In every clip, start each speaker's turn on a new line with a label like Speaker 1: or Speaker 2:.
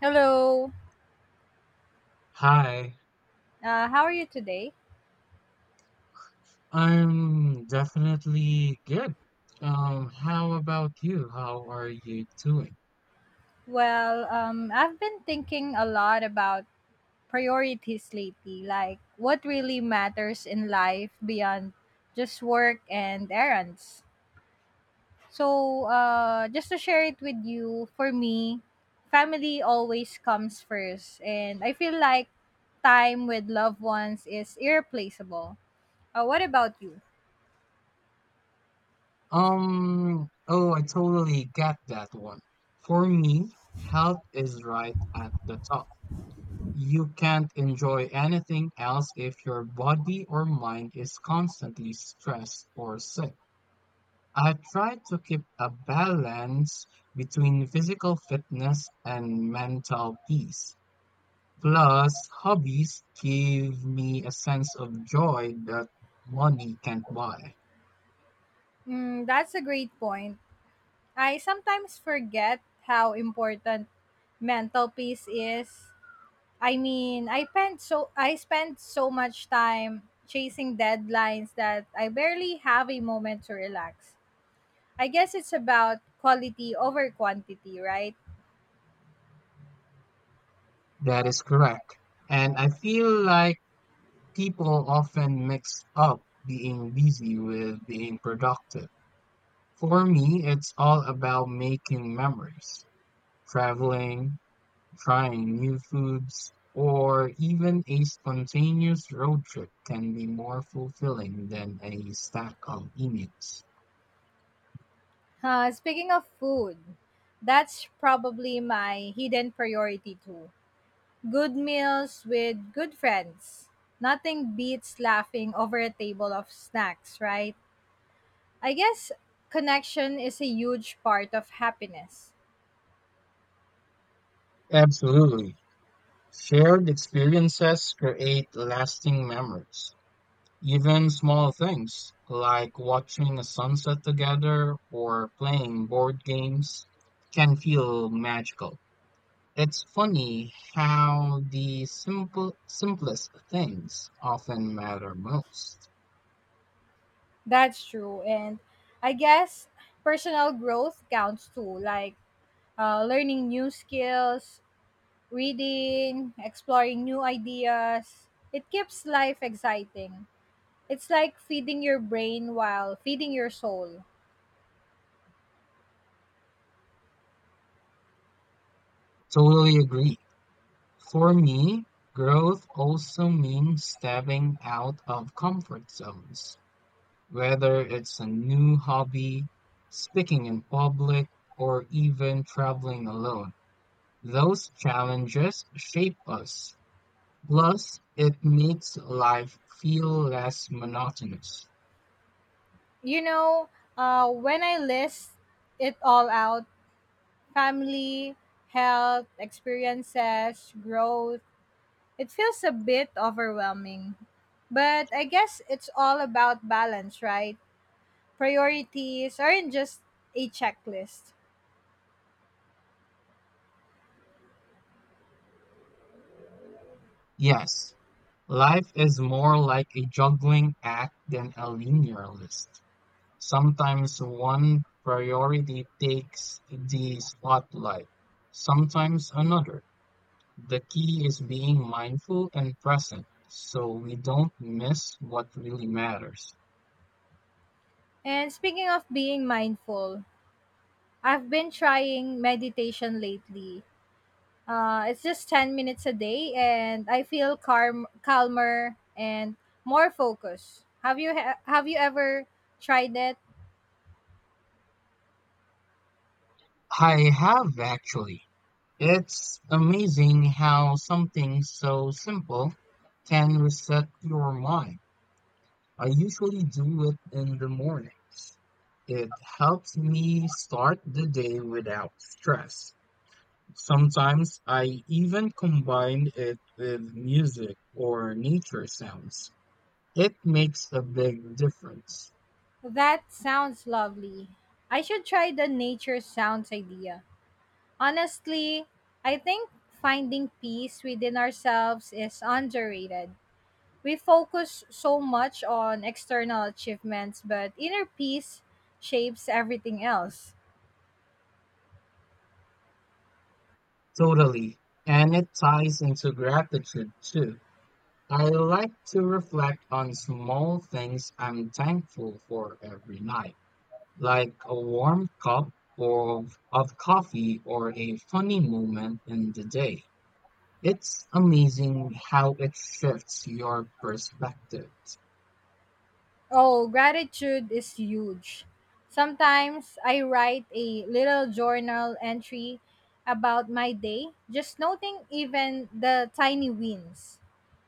Speaker 1: Hello.
Speaker 2: Hi,
Speaker 1: How are you today?
Speaker 2: I'm definitely good. How about you? How are you doing?
Speaker 1: Well, I've been thinking a lot about priorities lately, like what really matters in life beyond just work and errands. So, just to share it with you, for me, family always comes first, and I feel like time with loved ones is irreplaceable. What about you?
Speaker 2: Oh, I totally get that one. For me, health is right at the top. You can't enjoy anything else if your body or mind is constantly stressed or sick. I try to keep a balance between physical fitness and mental peace. Plus, hobbies give me a sense of joy that money can't buy.
Speaker 1: Mm, that's a great point. I sometimes forget how important mental peace is. I spent so much time chasing deadlines that I barely have a moment to relax. I guess it's about quality over quantity, right?
Speaker 2: That is correct. And I feel like people often mix up being busy with being productive. For me, it's all about making memories, traveling, trying new foods, or even a spontaneous road trip can be more fulfilling than a stack of emails.
Speaker 1: Speaking of food, that's probably my hidden priority too. Good meals with good friends. Nothing beats laughing over a table of snacks, right? I guess connection is a huge part of happiness.
Speaker 2: Absolutely. Shared experiences create lasting memories. Even small things like watching a sunset together or playing board games can feel magical. It's funny how the simplest things often matter most.
Speaker 1: That's true. And I guess personal growth counts too, like learning new skills, reading, exploring new ideas. It keeps life exciting. It's like feeding your brain while feeding your soul.
Speaker 2: Totally agree. For me, growth also means stepping out of comfort zones. Whether it's a new hobby, speaking in public, or even traveling alone, those challenges shape us. Plus, it makes life feel less monotonous.
Speaker 1: You know, when I list it all out, family, health, experiences, growth, it feels a bit overwhelming. But I guess it's all about balance, right? Priorities aren't just a checklist.
Speaker 2: Yes, life is more like a juggling act than a linear list. Sometimes one priority takes the spotlight, sometimes another. The key is being mindful and present so we don't miss what really matters.
Speaker 1: And speaking of being mindful, I've been trying meditation lately. It's just 10 minutes a day, and I feel calmer and more focused. Have have you ever tried it?
Speaker 2: I have, actually. It's amazing how something so simple can reset your mind. I usually do it in the mornings. It helps me start the day without stress. Sometimes I even combine it with music or nature sounds. It makes a big difference.
Speaker 1: That sounds lovely. I should try the nature sounds idea. Honestly, I think finding peace within ourselves is underrated. We focus so much on external achievements, but inner peace shapes everything else.
Speaker 2: Totally. And it ties into gratitude too. I like to reflect on small things I'm thankful for every night, like a warm cup of coffee or a funny moment in the day. It's amazing how it shifts your perspective.
Speaker 1: Oh, gratitude is huge. Sometimes I write a little journal entry about my day, just noting even the tiny wins.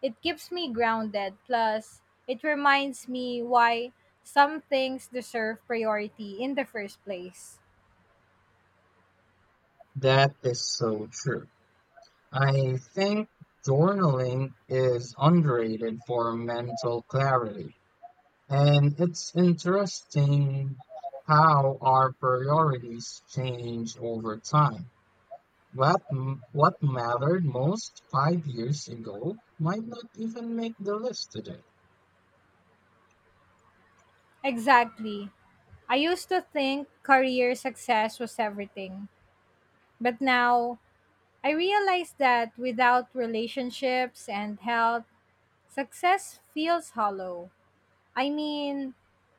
Speaker 1: It keeps me grounded, plus, it reminds me why some things deserve priority in the first place.
Speaker 2: That is so true. I think journaling is underrated for mental clarity. And it's interesting how our priorities change over time. What mattered most 5 years ago might not even make the list today.
Speaker 1: Exactly. I used to think career success was everything, but now I realize that without relationships and health, success feels hollow. I mean,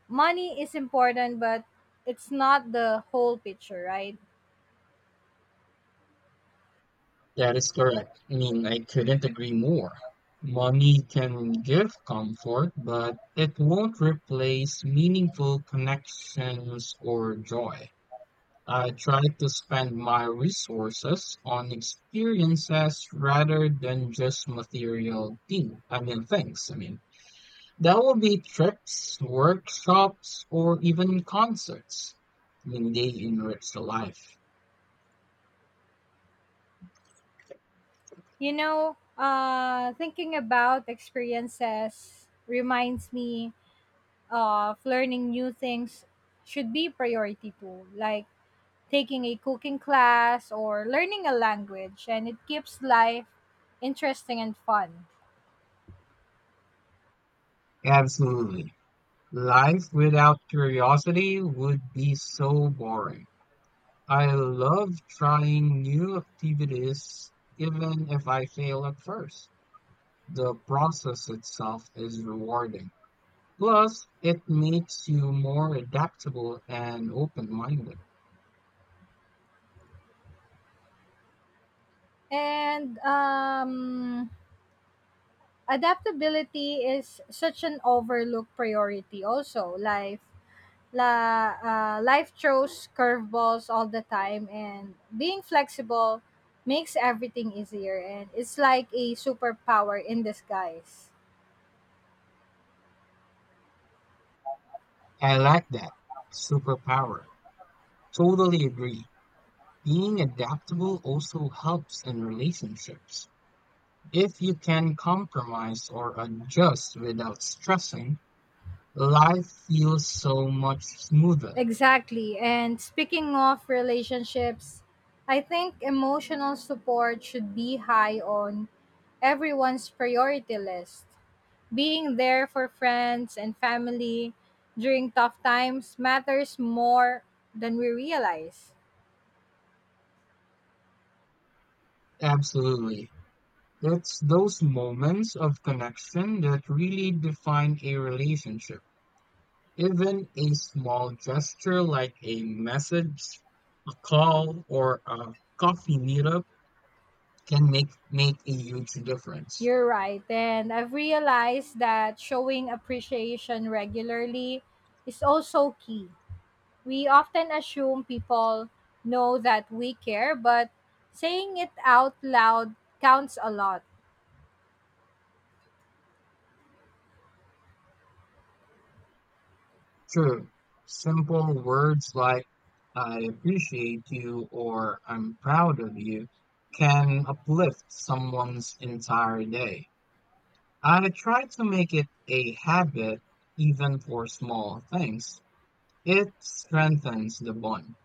Speaker 1: money is important, but it's not the whole picture, right?
Speaker 2: That is correct. I mean, I couldn't agree more. Money can give comfort, but it won't replace meaningful connections or joy. I try to spend my resources on experiences rather than just material things. I mean, that will be trips, workshops, or even concerts. I mean, they enrich the life.
Speaker 1: You know, thinking about experiences reminds me of learning new things should be priority too. Like, taking a cooking class or learning a language, and it keeps life interesting and fun.
Speaker 2: Absolutely. Life without curiosity would be so boring. I love trying new activities even if I fail at first. The process itself is rewarding. Plus, it makes you more adaptable and open-minded.
Speaker 1: And Adaptability is such an overlooked priority also. Life throws curveballs all the time, and being flexible makes everything easier, and it's like a superpower in disguise.
Speaker 2: I like that. Superpower. Totally agree. Being adaptable also helps in relationships. If you can compromise or adjust without stressing, life feels so much smoother.
Speaker 1: Exactly. And speaking of relationships, I think emotional support should be high on everyone's priority list. Being there for friends and family during tough times matters more than we realize.
Speaker 2: Absolutely. It's those moments of connection that really define a relationship. Even a small gesture like a message, a call, or a coffee meetup can make a huge difference.
Speaker 1: You're right. And I've realized that showing appreciation regularly is also key. We often assume people know that we care, but saying it out loud counts a lot.
Speaker 2: True. Simple words like I appreciate you or I'm proud of you can uplift someone's entire day. I try to make it a habit even for small things. It strengthens the bond.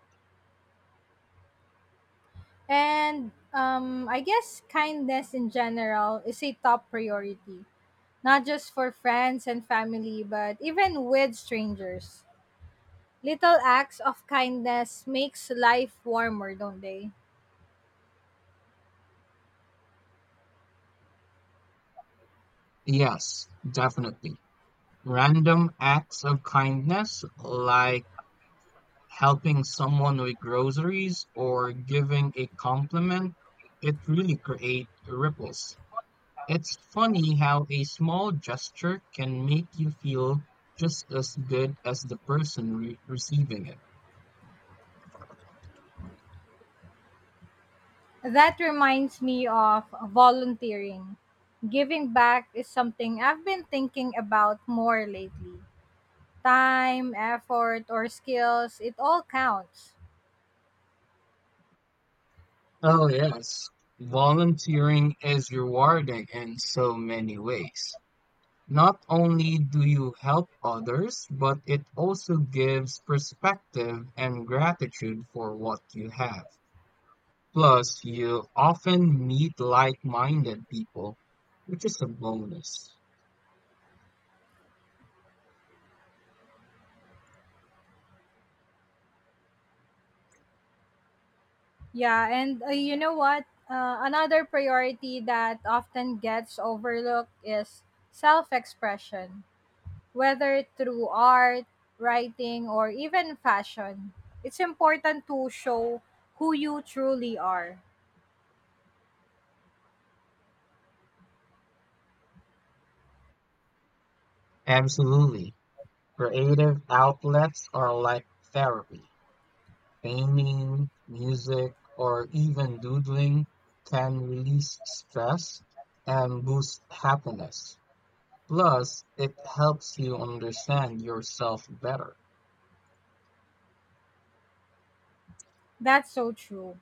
Speaker 1: And I guess kindness in general is a top priority, not just for friends and family, but even with strangers. Little acts of kindness makes life warmer, don't they?
Speaker 2: Yes, definitely. Random acts of kindness, like helping someone with groceries or giving a compliment, it really create ripples. It's funny how a small gesture can make you feel just as good as the person receiving it.
Speaker 1: That reminds me of volunteering. Giving back is something I've been thinking about more lately. Time, effort, or skills, it all counts.
Speaker 2: Oh, yes. Volunteering is rewarding in so many ways. Not only do you help others, but it also gives perspective and gratitude for what you have. Plus, you often meet like minded people, which is a bonus.
Speaker 1: Yeah, and you know what? Another priority that often gets overlooked is self expression, whether through art, writing, or even fashion. It's important to show who you truly are.
Speaker 2: Absolutely. Creative outlets are like therapy. Painting, music, or even doodling can release stress and boost happiness. Plus, it helps you understand yourself better.
Speaker 1: That's so true.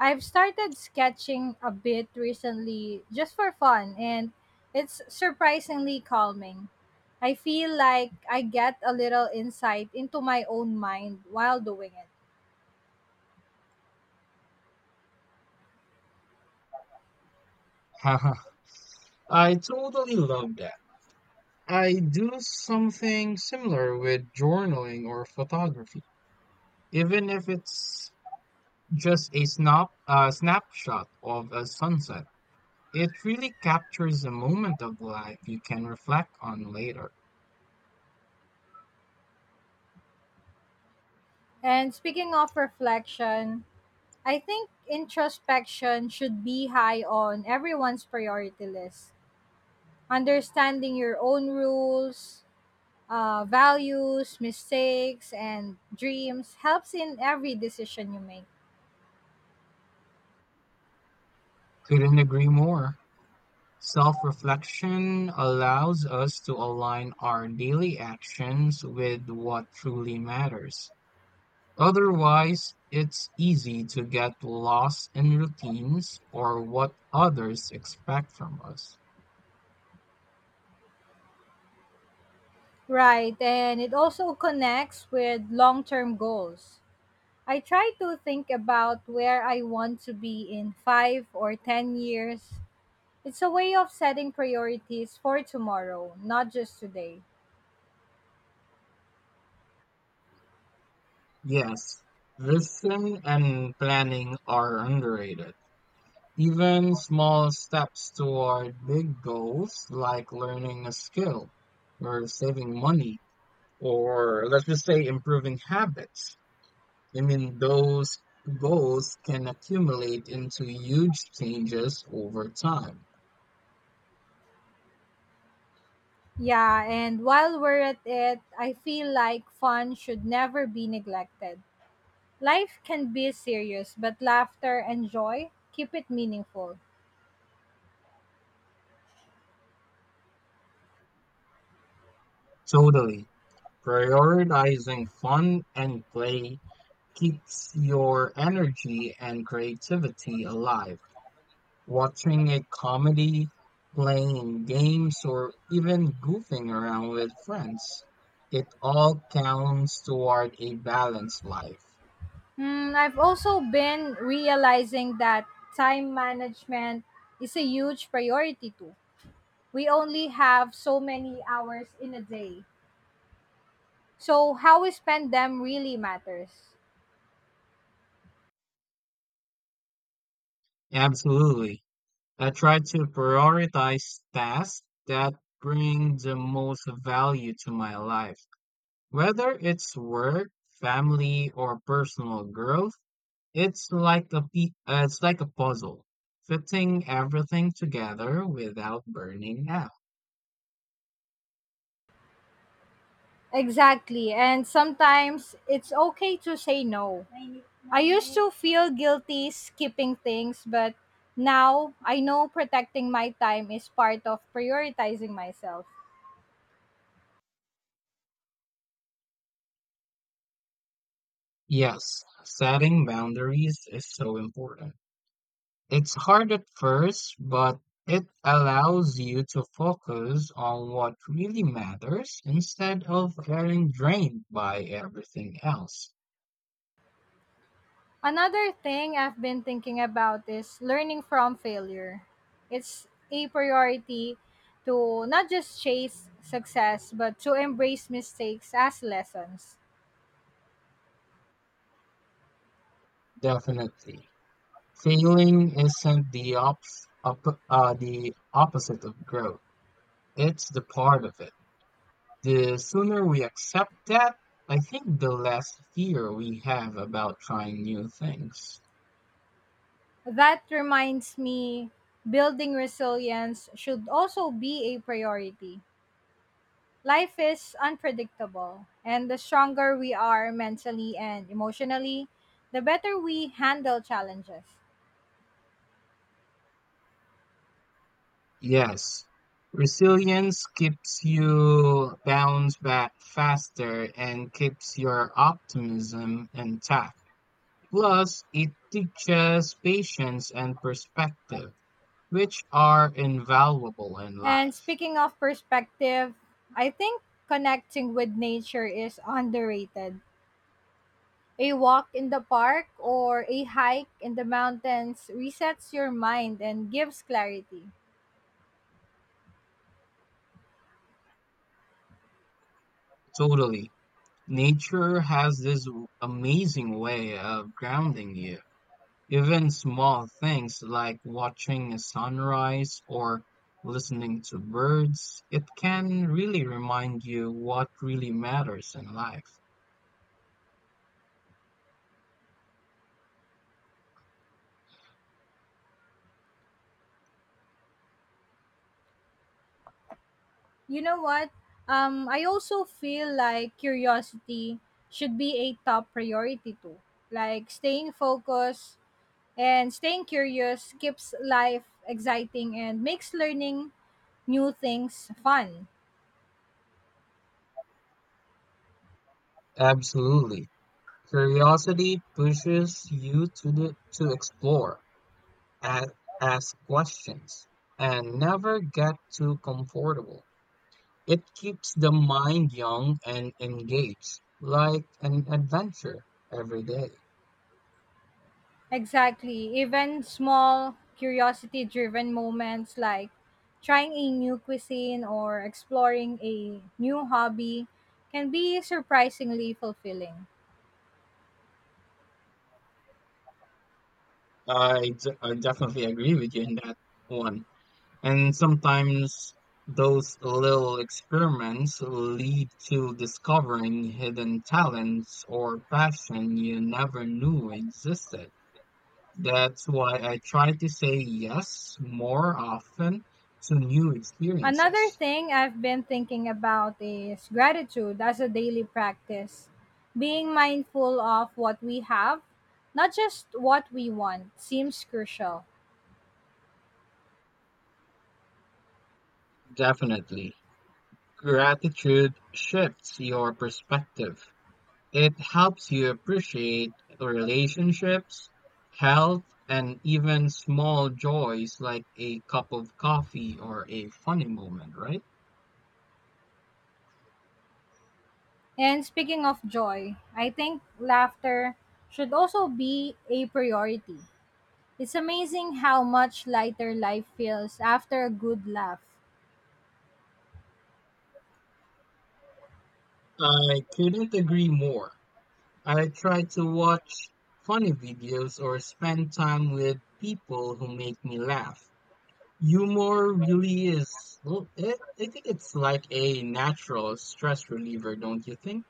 Speaker 1: I've started sketching a bit recently just for fun, and it's surprisingly calming. I feel like I get a little insight into my own mind while doing it.
Speaker 2: Haha, I totally love that. I do something similar with journaling or photography, even if it's a snapshot of a sunset. It really captures a moment of life you can reflect on later.
Speaker 1: And speaking of reflection, I think introspection should be high on everyone's priority list. Understanding your own rules, values, mistakes, and dreams helps in every decision you make.
Speaker 2: Couldn't agree more. Self reflection allows us to align our daily actions with what truly matters. Otherwise, it's easy to get lost in routines or what others expect from us.
Speaker 1: Right, and it also connects with long term goals. I try to think about where I want to be in five or 10 years. It's a way of setting priorities for tomorrow, not just today.
Speaker 2: Yes, vision and planning are underrated. Even small steps toward big goals, like learning a skill or saving money, or let's just say improving habits. I mean, those goals can accumulate into huge changes over time.
Speaker 1: Yeah, and while we're at it, I feel like fun should never be neglected. Life can be serious, but laughter and joy keep it meaningful.
Speaker 2: Totally. Prioritizing fun and play keeps your energy and creativity alive. Watching a comedy, playing games, or even goofing around with friends. It all counts toward a balanced life.
Speaker 1: Hmm, I've also been realizing that time management is a huge priority too. We only have so many hours in a day. So how we spend them really matters.
Speaker 2: Absolutely. I try to prioritize tasks that bring the most value to my life. Whether it's work, family, or personal growth, it's like a puzzle, fitting everything together without burning out.
Speaker 1: Exactly. And sometimes it's okay to say no. I used to feel guilty skipping things, but now I know protecting my time is part of prioritizing myself.
Speaker 2: Yes, setting boundaries is so important. It's hard at first, but it allows you to focus on what really matters instead of getting drained by everything else.
Speaker 1: Another thing I've been thinking about is learning from failure. It's a priority to not just chase success, but to embrace mistakes as lessons.
Speaker 2: Definitely. Failing isn't the the opposite of growth. It's the part of it. The sooner we accept that, I think the less fear we have about trying new things.
Speaker 1: That reminds me, building resilience should also be a priority. Life is unpredictable, and the stronger we are mentally and emotionally, the better we handle challenges.
Speaker 2: Yes, resilience keeps you bounce back faster and keeps your optimism intact. Plus, it teaches patience and perspective, which are invaluable in
Speaker 1: And
Speaker 2: life.
Speaker 1: speaking of perspective, I think connecting with nature is underrated. A walk in the park or a hike in the mountains resets your mind and gives clarity.
Speaker 2: Totally. Nature has this amazing way of grounding you. Even small things like watching a sunrise or listening to birds, it can really remind you what really matters in life.
Speaker 1: You know what? I also feel like curiosity should be a top priority too. Like staying focused and staying curious keeps life exciting and makes learning new things fun.
Speaker 2: Absolutely. Curiosity pushes you to explore, ask, ask questions, and never get too comfortable. It keeps the mind young and engaged, like an adventure every day.
Speaker 1: Exactly. Even small curiosity driven moments like trying a new cuisine or exploring a new hobby can be surprisingly fulfilling.
Speaker 2: I definitely agree with you in that one. And sometimes those little experiments lead to discovering hidden talents or passion you never knew existed. That's why I try to say yes more often to new
Speaker 1: Another
Speaker 2: experiences.
Speaker 1: thing I've been thinking about is gratitude as a daily practice. Being mindful of what we have, not just what we want, seems crucial.
Speaker 2: Definitely. Gratitude shifts your perspective. It helps you appreciate relationships, health, and even small joys like a cup of coffee or a funny moment, right?
Speaker 1: And speaking of joy, I think laughter should also be a priority. It's amazing how much lighter life feels after a good laugh.
Speaker 2: I couldn't agree more. I try to watch funny videos or spend time with people who make me laugh. Humor really is, well, I think it's like a natural stress reliever, don't you think?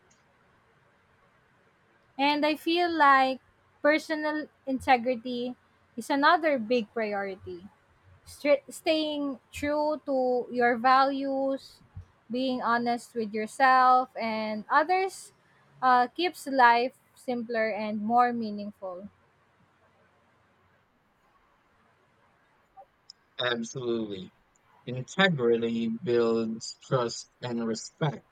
Speaker 1: And I feel like personal integrity is another big priority. Stra Staying true to your values, being honest with yourself and others, keeps life simpler and more meaningful.
Speaker 2: Absolutely. Integrity builds trust and respect.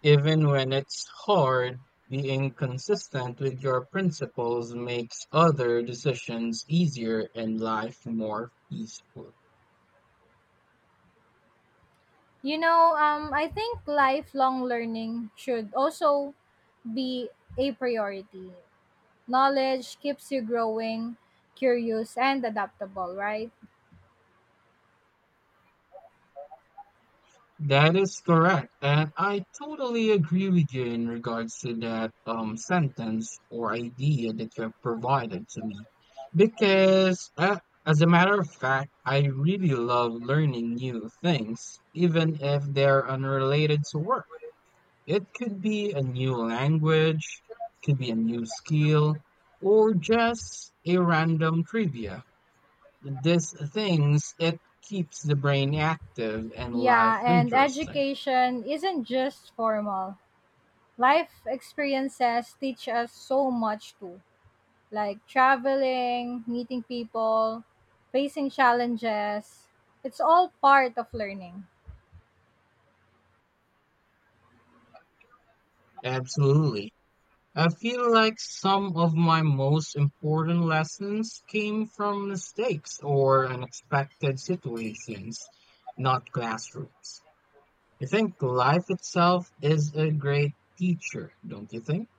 Speaker 2: Even when it's hard, being consistent with your principles makes other decisions easier and life more peaceful.
Speaker 1: You know, I think lifelong learning should also be a priority. Knowledge keeps you growing, curious, and adaptable, right?
Speaker 2: That is correct. And I totally agree with you in regards to that sentence or idea that you have provided to me. Because, as a matter of fact, I really love learning new things, even if they're unrelated to work. It could be a new language, could be a new skill, or just a random trivia. These things, it keeps the brain active and life
Speaker 1: Yeah, and
Speaker 2: interesting.
Speaker 1: education isn't just formal. Life experiences teach us so much too, like traveling, meeting people, facing challenges. It's all part of learning.
Speaker 2: Absolutely. I feel like some of my most important lessons came from mistakes or unexpected situations, not classrooms. I think life itself is a great teacher, don't you think?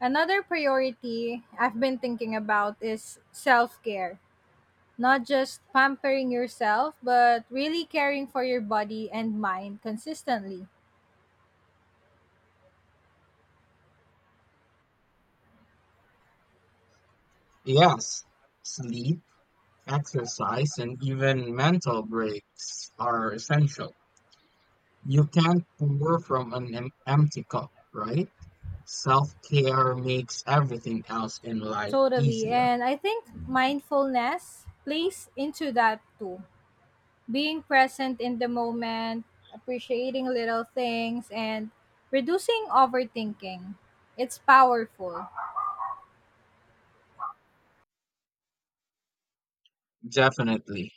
Speaker 1: Another priority I've been thinking about is self care. Not just pampering yourself, but really caring for your body and mind consistently.
Speaker 2: Yes, sleep, exercise and even mental breaks are essential. You can't pour from an empty cup, right? Self-care makes everything else in life
Speaker 1: Totally.
Speaker 2: easier.
Speaker 1: And I think mindfulness plays into that too. Being present in the moment, appreciating little things, and reducing overthinking. It's powerful.
Speaker 2: Definitely.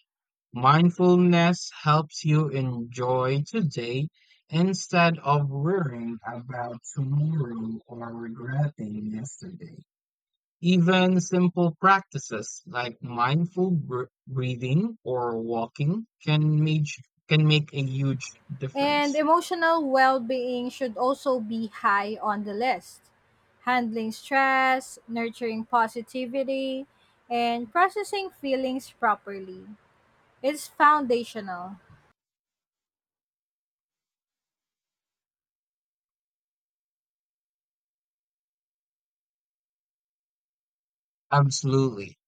Speaker 2: Mindfulness helps you enjoy today instead of worrying about tomorrow or regretting yesterday. Even simple practices like mindful breathing or walking can make a huge
Speaker 1: And
Speaker 2: difference.
Speaker 1: emotional well being should also be high on the list. Handling stress, nurturing positivity, and processing feelings properly. It's foundational.
Speaker 2: Absolutely.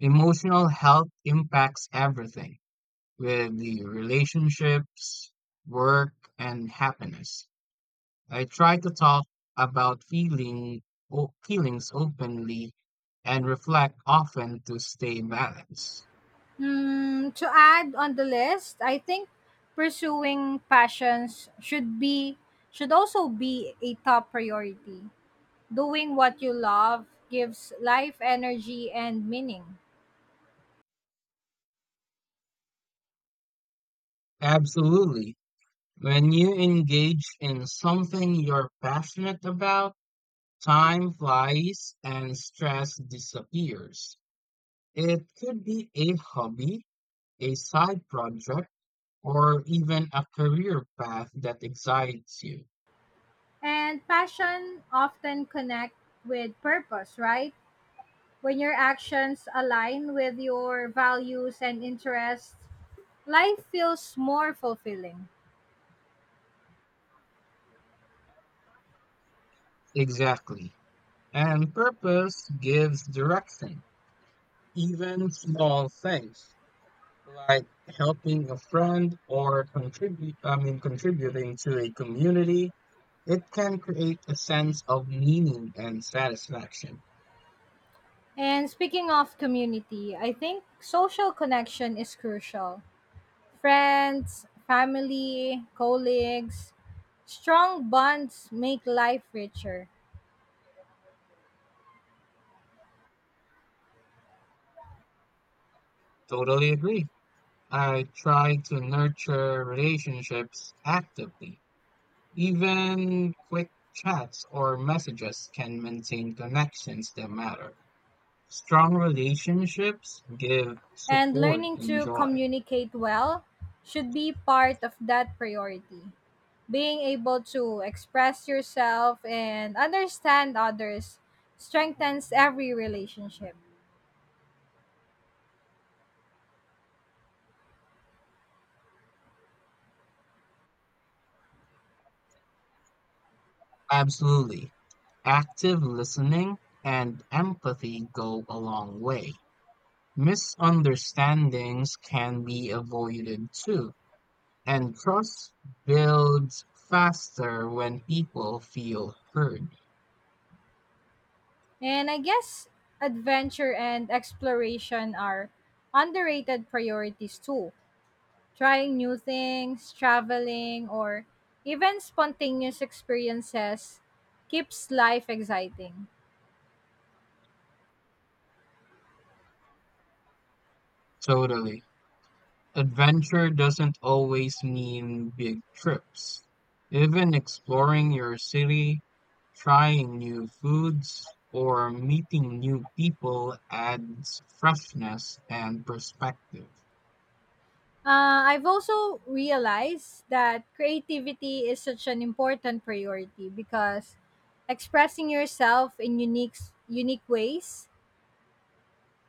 Speaker 2: Emotional health impacts everything with the relationships, work, and happiness. I try to talk about feelings openly and reflect often to stay balanced.
Speaker 1: Mm, to add on the list, I think pursuing passions should be should also be a top priority. Doing what you love gives life energy and meaning.
Speaker 2: Absolutely. When you engage in something you're passionate about, time flies and stress disappears. It could be a hobby, a side project, or even a career path that excites you.
Speaker 1: And passion often connect with purpose, right? When your actions align with your values and interests, life feels more fulfilling.
Speaker 2: Exactly. And purpose gives direction. Even small things like helping a friend or contributing to a community. It can create a sense of meaning and satisfaction.
Speaker 1: And speaking of community, I think social connection is crucial. Friends, family, colleagues, strong bonds make life richer.
Speaker 2: Totally agree. I try to nurture relationships actively. Even quick chats or messages can maintain connections that matter. Strong relationships give
Speaker 1: And
Speaker 2: support
Speaker 1: learning
Speaker 2: and
Speaker 1: to
Speaker 2: joy.
Speaker 1: communicate well should be part of that priority. Being able to express yourself and understand others strengthens every relationship.
Speaker 2: Absolutely. Active listening and empathy go a long way. Misunderstandings can be avoided too. And trust builds faster when people feel heard.
Speaker 1: And I guess adventure and exploration are underrated priorities too. Trying new things, traveling, or even spontaneous experiences keeps life exciting.
Speaker 2: Totally. Adventure doesn't always mean big trips. Even exploring your city, trying new foods, or meeting new people adds freshness and perspective.
Speaker 1: I've also realized that creativity is such an important priority because expressing yourself in unique ways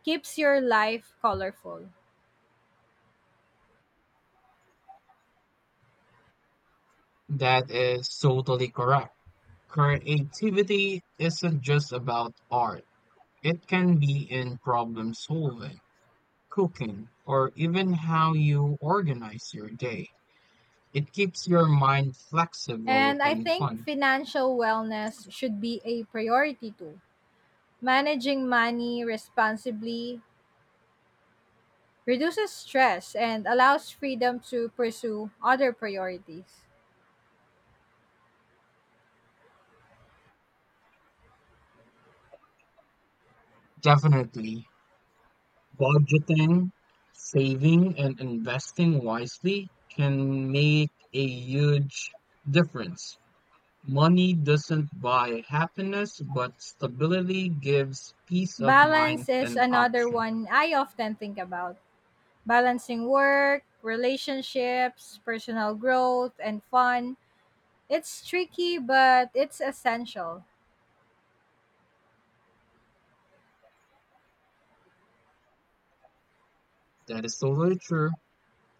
Speaker 1: keeps your life colorful.
Speaker 2: That is totally correct. Creativity isn't just about art. It can be in problem solving, cooking, or even how you organize your day. It keeps your mind flexible
Speaker 1: And I
Speaker 2: and
Speaker 1: think
Speaker 2: fun.
Speaker 1: financial wellness should be a priority too. Managing money responsibly reduces stress, and allows freedom to pursue other priorities.
Speaker 2: Definitely, budgeting, saving, and investing wisely can make a huge difference. Money doesn't buy happiness, but stability gives peace of
Speaker 1: Balance
Speaker 2: mind
Speaker 1: is
Speaker 2: and
Speaker 1: another
Speaker 2: option.
Speaker 1: one I often think about. Balancing work, relationships, personal growth, and fun. It's tricky, but it's essential.
Speaker 2: That is so very true.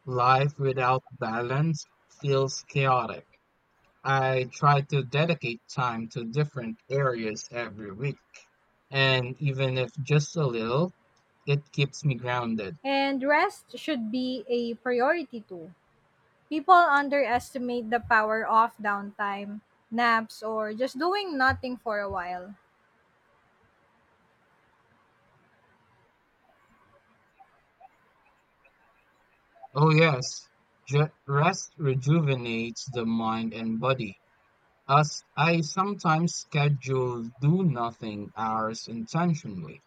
Speaker 2: Life without balance feels chaotic. I try to dedicate time to different areas every week. And even if just a little, it keeps me grounded.
Speaker 1: And rest should be a priority too. People underestimate the power of downtime, naps, or just doing nothing for a while.
Speaker 2: Oh, yes, rest rejuvenates the mind and body. As I sometimes schedule do nothing hours intentionally.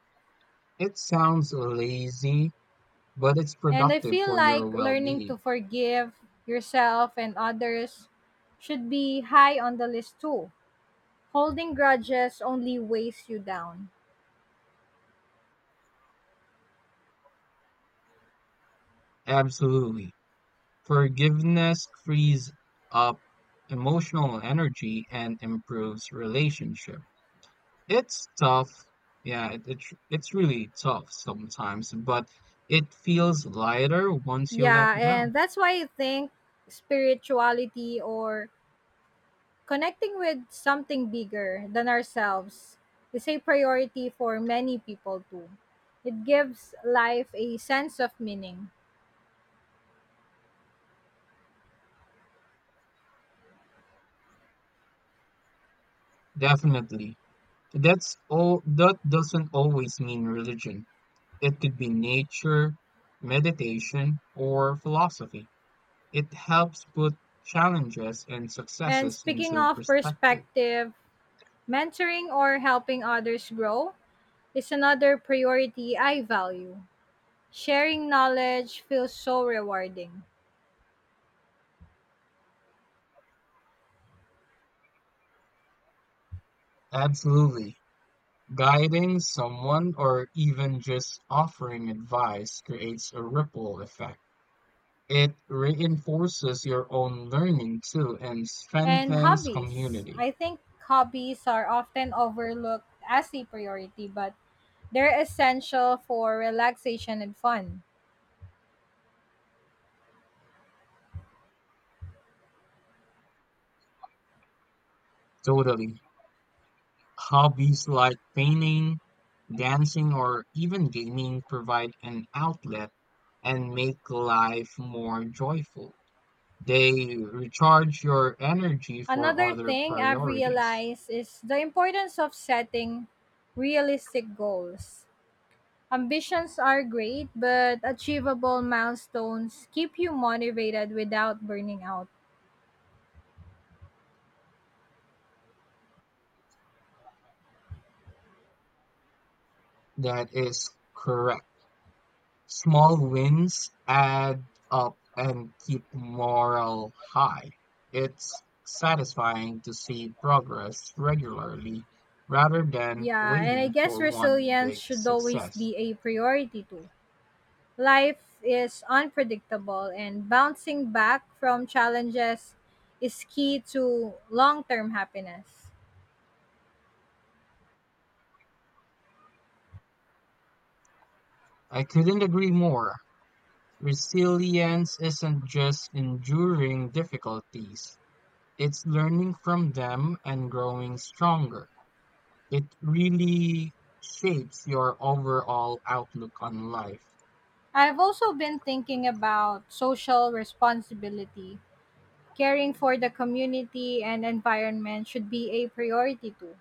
Speaker 2: It sounds lazy, but it's
Speaker 1: And I
Speaker 2: productive
Speaker 1: feel
Speaker 2: for your
Speaker 1: like
Speaker 2: well
Speaker 1: learning to
Speaker 2: being.
Speaker 1: forgive yourself and others should be high on the list too. Holding grudges only weighs you down.
Speaker 2: Absolutely. Forgiveness frees up emotional energy and improves relationship. It's tough. Yeah, it's really tough sometimes, but it feels lighter once you let
Speaker 1: Yeah,
Speaker 2: go.
Speaker 1: and that's why I think spirituality or connecting with something bigger than ourselves is a priority for many people too. It gives life a sense of meaning.
Speaker 2: Definitely. That's all that doesn't always mean religion. It could be nature, meditation, or philosophy. It helps put challenges and
Speaker 1: And
Speaker 2: successes
Speaker 1: speaking
Speaker 2: into
Speaker 1: of
Speaker 2: perspective.
Speaker 1: perspective, mentoring or helping others grow is another priority I value. Sharing knowledge feels so rewarding.
Speaker 2: Absolutely. Guiding someone or even just offering advice creates a ripple effect. It reinforces your own learning too and
Speaker 1: And
Speaker 2: strengthens
Speaker 1: hobbies.
Speaker 2: community.
Speaker 1: I think hobbies are often overlooked as a priority, but they're essential for relaxation and fun.
Speaker 2: Totally. Hobbies like painting, dancing, or even gaming provide an outlet and make life more joyful. They recharge your energy for
Speaker 1: Another
Speaker 2: other
Speaker 1: thing I've
Speaker 2: priorities.
Speaker 1: realized is the importance of setting realistic goals. Ambitions are great, but achievable milestones keep you motivated without burning out.
Speaker 2: That is correct. Small wins add up and keep morale high. It's satisfying to see progress regularly rather than
Speaker 1: Yeah, and I
Speaker 2: waiting
Speaker 1: guess
Speaker 2: for one
Speaker 1: resilience
Speaker 2: big
Speaker 1: should always
Speaker 2: success.
Speaker 1: be a priority too. Life is unpredictable, and bouncing back from challenges is key to long term happiness.
Speaker 2: I couldn't agree more. Resilience isn't just enduring difficulties, it's learning from them and growing stronger. It really shapes your overall outlook on life.
Speaker 1: I've also been thinking about social responsibility. Caring for the community and environment should be a priority too.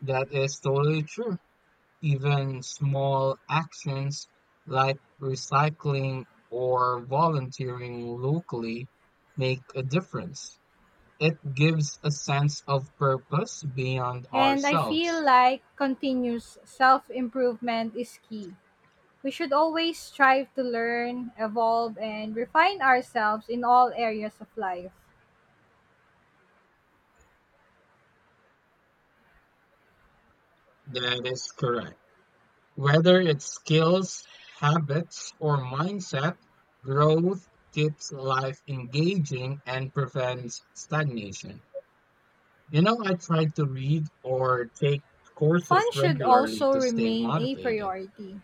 Speaker 2: That is totally true. Even small actions like recycling or volunteering locally make a difference. It gives a sense of purpose beyond
Speaker 1: And I
Speaker 2: ourselves.
Speaker 1: feel like continuous self improvement is key. We should always strive to learn, evolve, and refine ourselves in all areas of life.
Speaker 2: That is correct. Whether it's skills, habits, or mindset, growth keeps life engaging and prevents stagnation. You know, I try to read or take courses
Speaker 1: Fun should
Speaker 2: regularly
Speaker 1: also
Speaker 2: to stay
Speaker 1: remain a
Speaker 2: motivated.
Speaker 1: priority.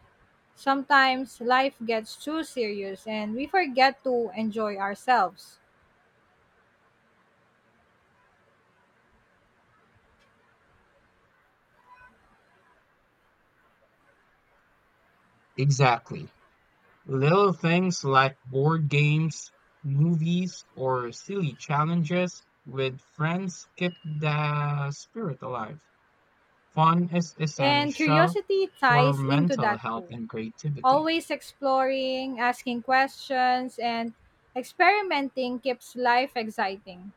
Speaker 1: Sometimes life gets too serious and we forget to enjoy ourselves.
Speaker 2: Exactly. Little things like board games, movies, or silly challenges with friends keep the spirit alive. Fun is
Speaker 1: And
Speaker 2: essential
Speaker 1: curiosity
Speaker 2: for
Speaker 1: ties into
Speaker 2: mental
Speaker 1: that
Speaker 2: health
Speaker 1: too.
Speaker 2: and creativity.
Speaker 1: Always exploring, asking questions, and experimenting keeps life exciting.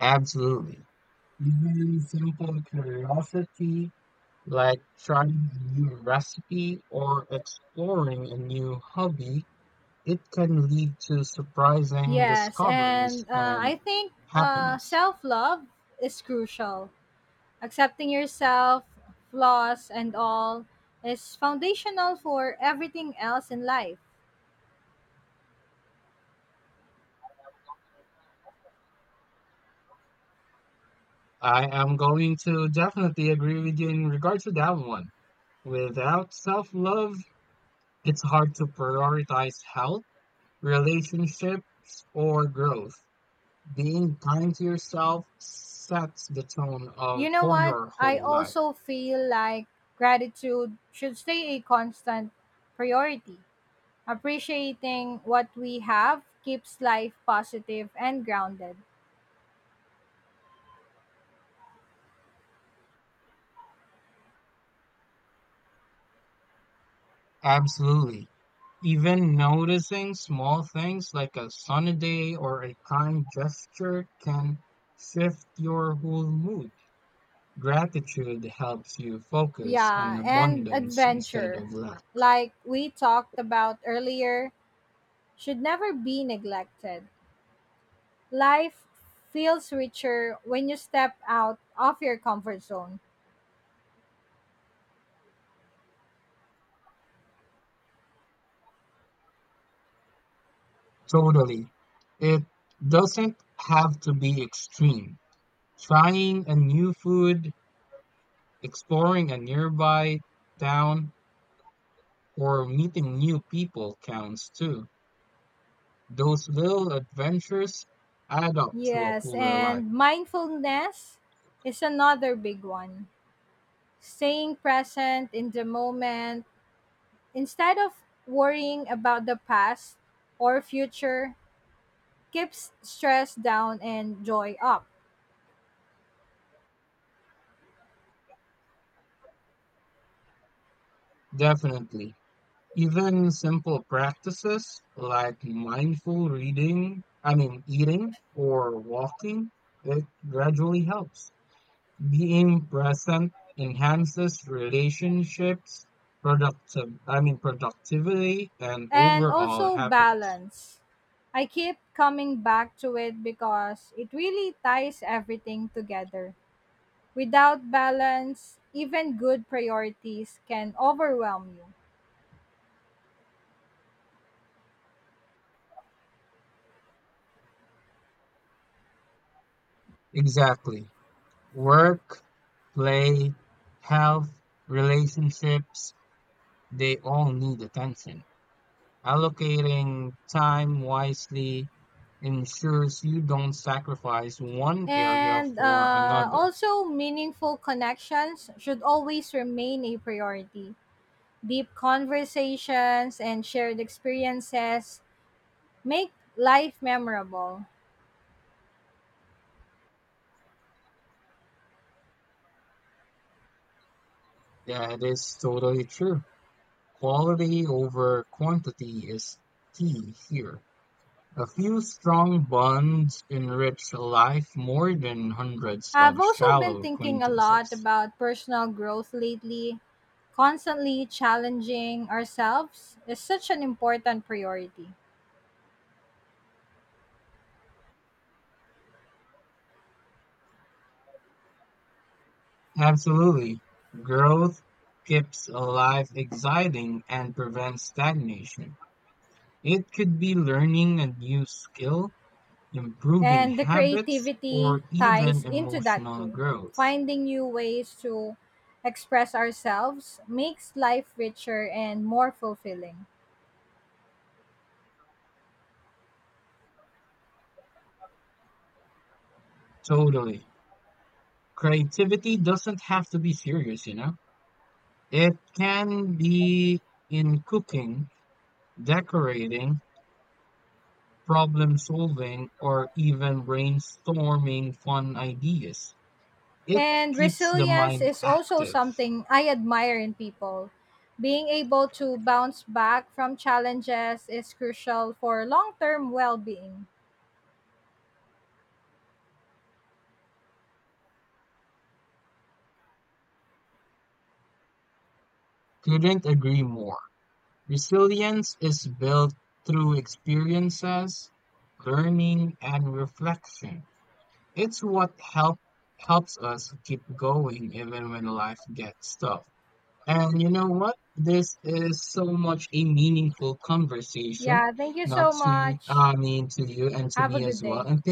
Speaker 2: Absolutely. Even simple curiosity like trying a new recipe or exploring a new hobby, it can lead to surprising
Speaker 1: Yes,
Speaker 2: discoveries
Speaker 1: and uh, I
Speaker 2: and
Speaker 1: think uh,
Speaker 2: happiness.
Speaker 1: self love is crucial. Accepting yourself, flaws and all, is foundational for everything else in life.
Speaker 2: I am going to definitely agree with you in regards to that one. Without self-love, it's hard to prioritize health, relationships, or growth. Being kind to yourself sets the tone
Speaker 1: You
Speaker 2: of
Speaker 1: know
Speaker 2: for
Speaker 1: what?
Speaker 2: your
Speaker 1: I
Speaker 2: whole life.
Speaker 1: also feel like gratitude should stay a constant priority. Appreciating what we have keeps life positive and grounded.
Speaker 2: Absolutely. Even noticing small things like a sunny day or a kind gesture can shift your whole mood. Gratitude helps you focus on
Speaker 1: Yeah, and
Speaker 2: abundance instead
Speaker 1: adventure,
Speaker 2: of lack.
Speaker 1: like we talked about earlier, should never be neglected. Life feels richer when you step out of your comfort zone.
Speaker 2: Totally. It doesn't have to be extreme. Trying a new food, exploring a nearby town, or meeting new people counts too. Those little adventures add up to a
Speaker 1: Yes,
Speaker 2: fuller life.
Speaker 1: and mindfulness is another big one. Staying present in the moment instead of worrying about the past or future keeps stress down and joy up.
Speaker 2: Definitely. Even simple practices like mindful reading, I mean, eating or walking, it gradually helps. Being present enhances relationships, productivity and
Speaker 1: And
Speaker 2: overall
Speaker 1: also
Speaker 2: happiness.
Speaker 1: balance. I keep coming back to it because it really ties everything together. Without balance, even good priorities can overwhelm you.
Speaker 2: Exactly. Work, play, health, relationships, they all need attention. Allocating time wisely ensures you don't sacrifice one area
Speaker 1: And
Speaker 2: for another.
Speaker 1: also, meaningful connections should always remain a priority. Deep conversations and shared experiences make life memorable.
Speaker 2: That is totally true. Quality over quantity is key here. A few strong bonds enrich life more than hundreds of
Speaker 1: I've also been
Speaker 2: shallow
Speaker 1: thinking a lot
Speaker 2: acquaintances.
Speaker 1: about personal growth lately. Constantly challenging ourselves is such an important priority.
Speaker 2: Absolutely. Growth keeps a life exciting and prevents stagnation. It could be learning a new skill, improving
Speaker 1: And the
Speaker 2: habits,
Speaker 1: creativity
Speaker 2: or even
Speaker 1: ties into that
Speaker 2: emotional
Speaker 1: too.
Speaker 2: growth.
Speaker 1: Finding new ways to express ourselves makes life richer and more fulfilling.
Speaker 2: Totally. Creativity doesn't have to be serious, you know? It can be in cooking, decorating, problem solving, or even brainstorming fun ideas. It
Speaker 1: And
Speaker 2: keeps the
Speaker 1: resilience
Speaker 2: mind
Speaker 1: is also
Speaker 2: active.
Speaker 1: something I admire in people. Being able to bounce back from challenges is crucial for long term well being.
Speaker 2: Couldn't agree more. Resilience is built through experiences, learning, and reflection. It's what helps us keep going even when life gets tough. And you know what? This is so much a meaningful conversation,
Speaker 1: Yeah, thank you
Speaker 2: not
Speaker 1: so
Speaker 2: to, y-
Speaker 1: much.
Speaker 2: I mean, to you and to
Speaker 1: Have a
Speaker 2: me
Speaker 1: good
Speaker 2: as well.
Speaker 1: day.
Speaker 2: And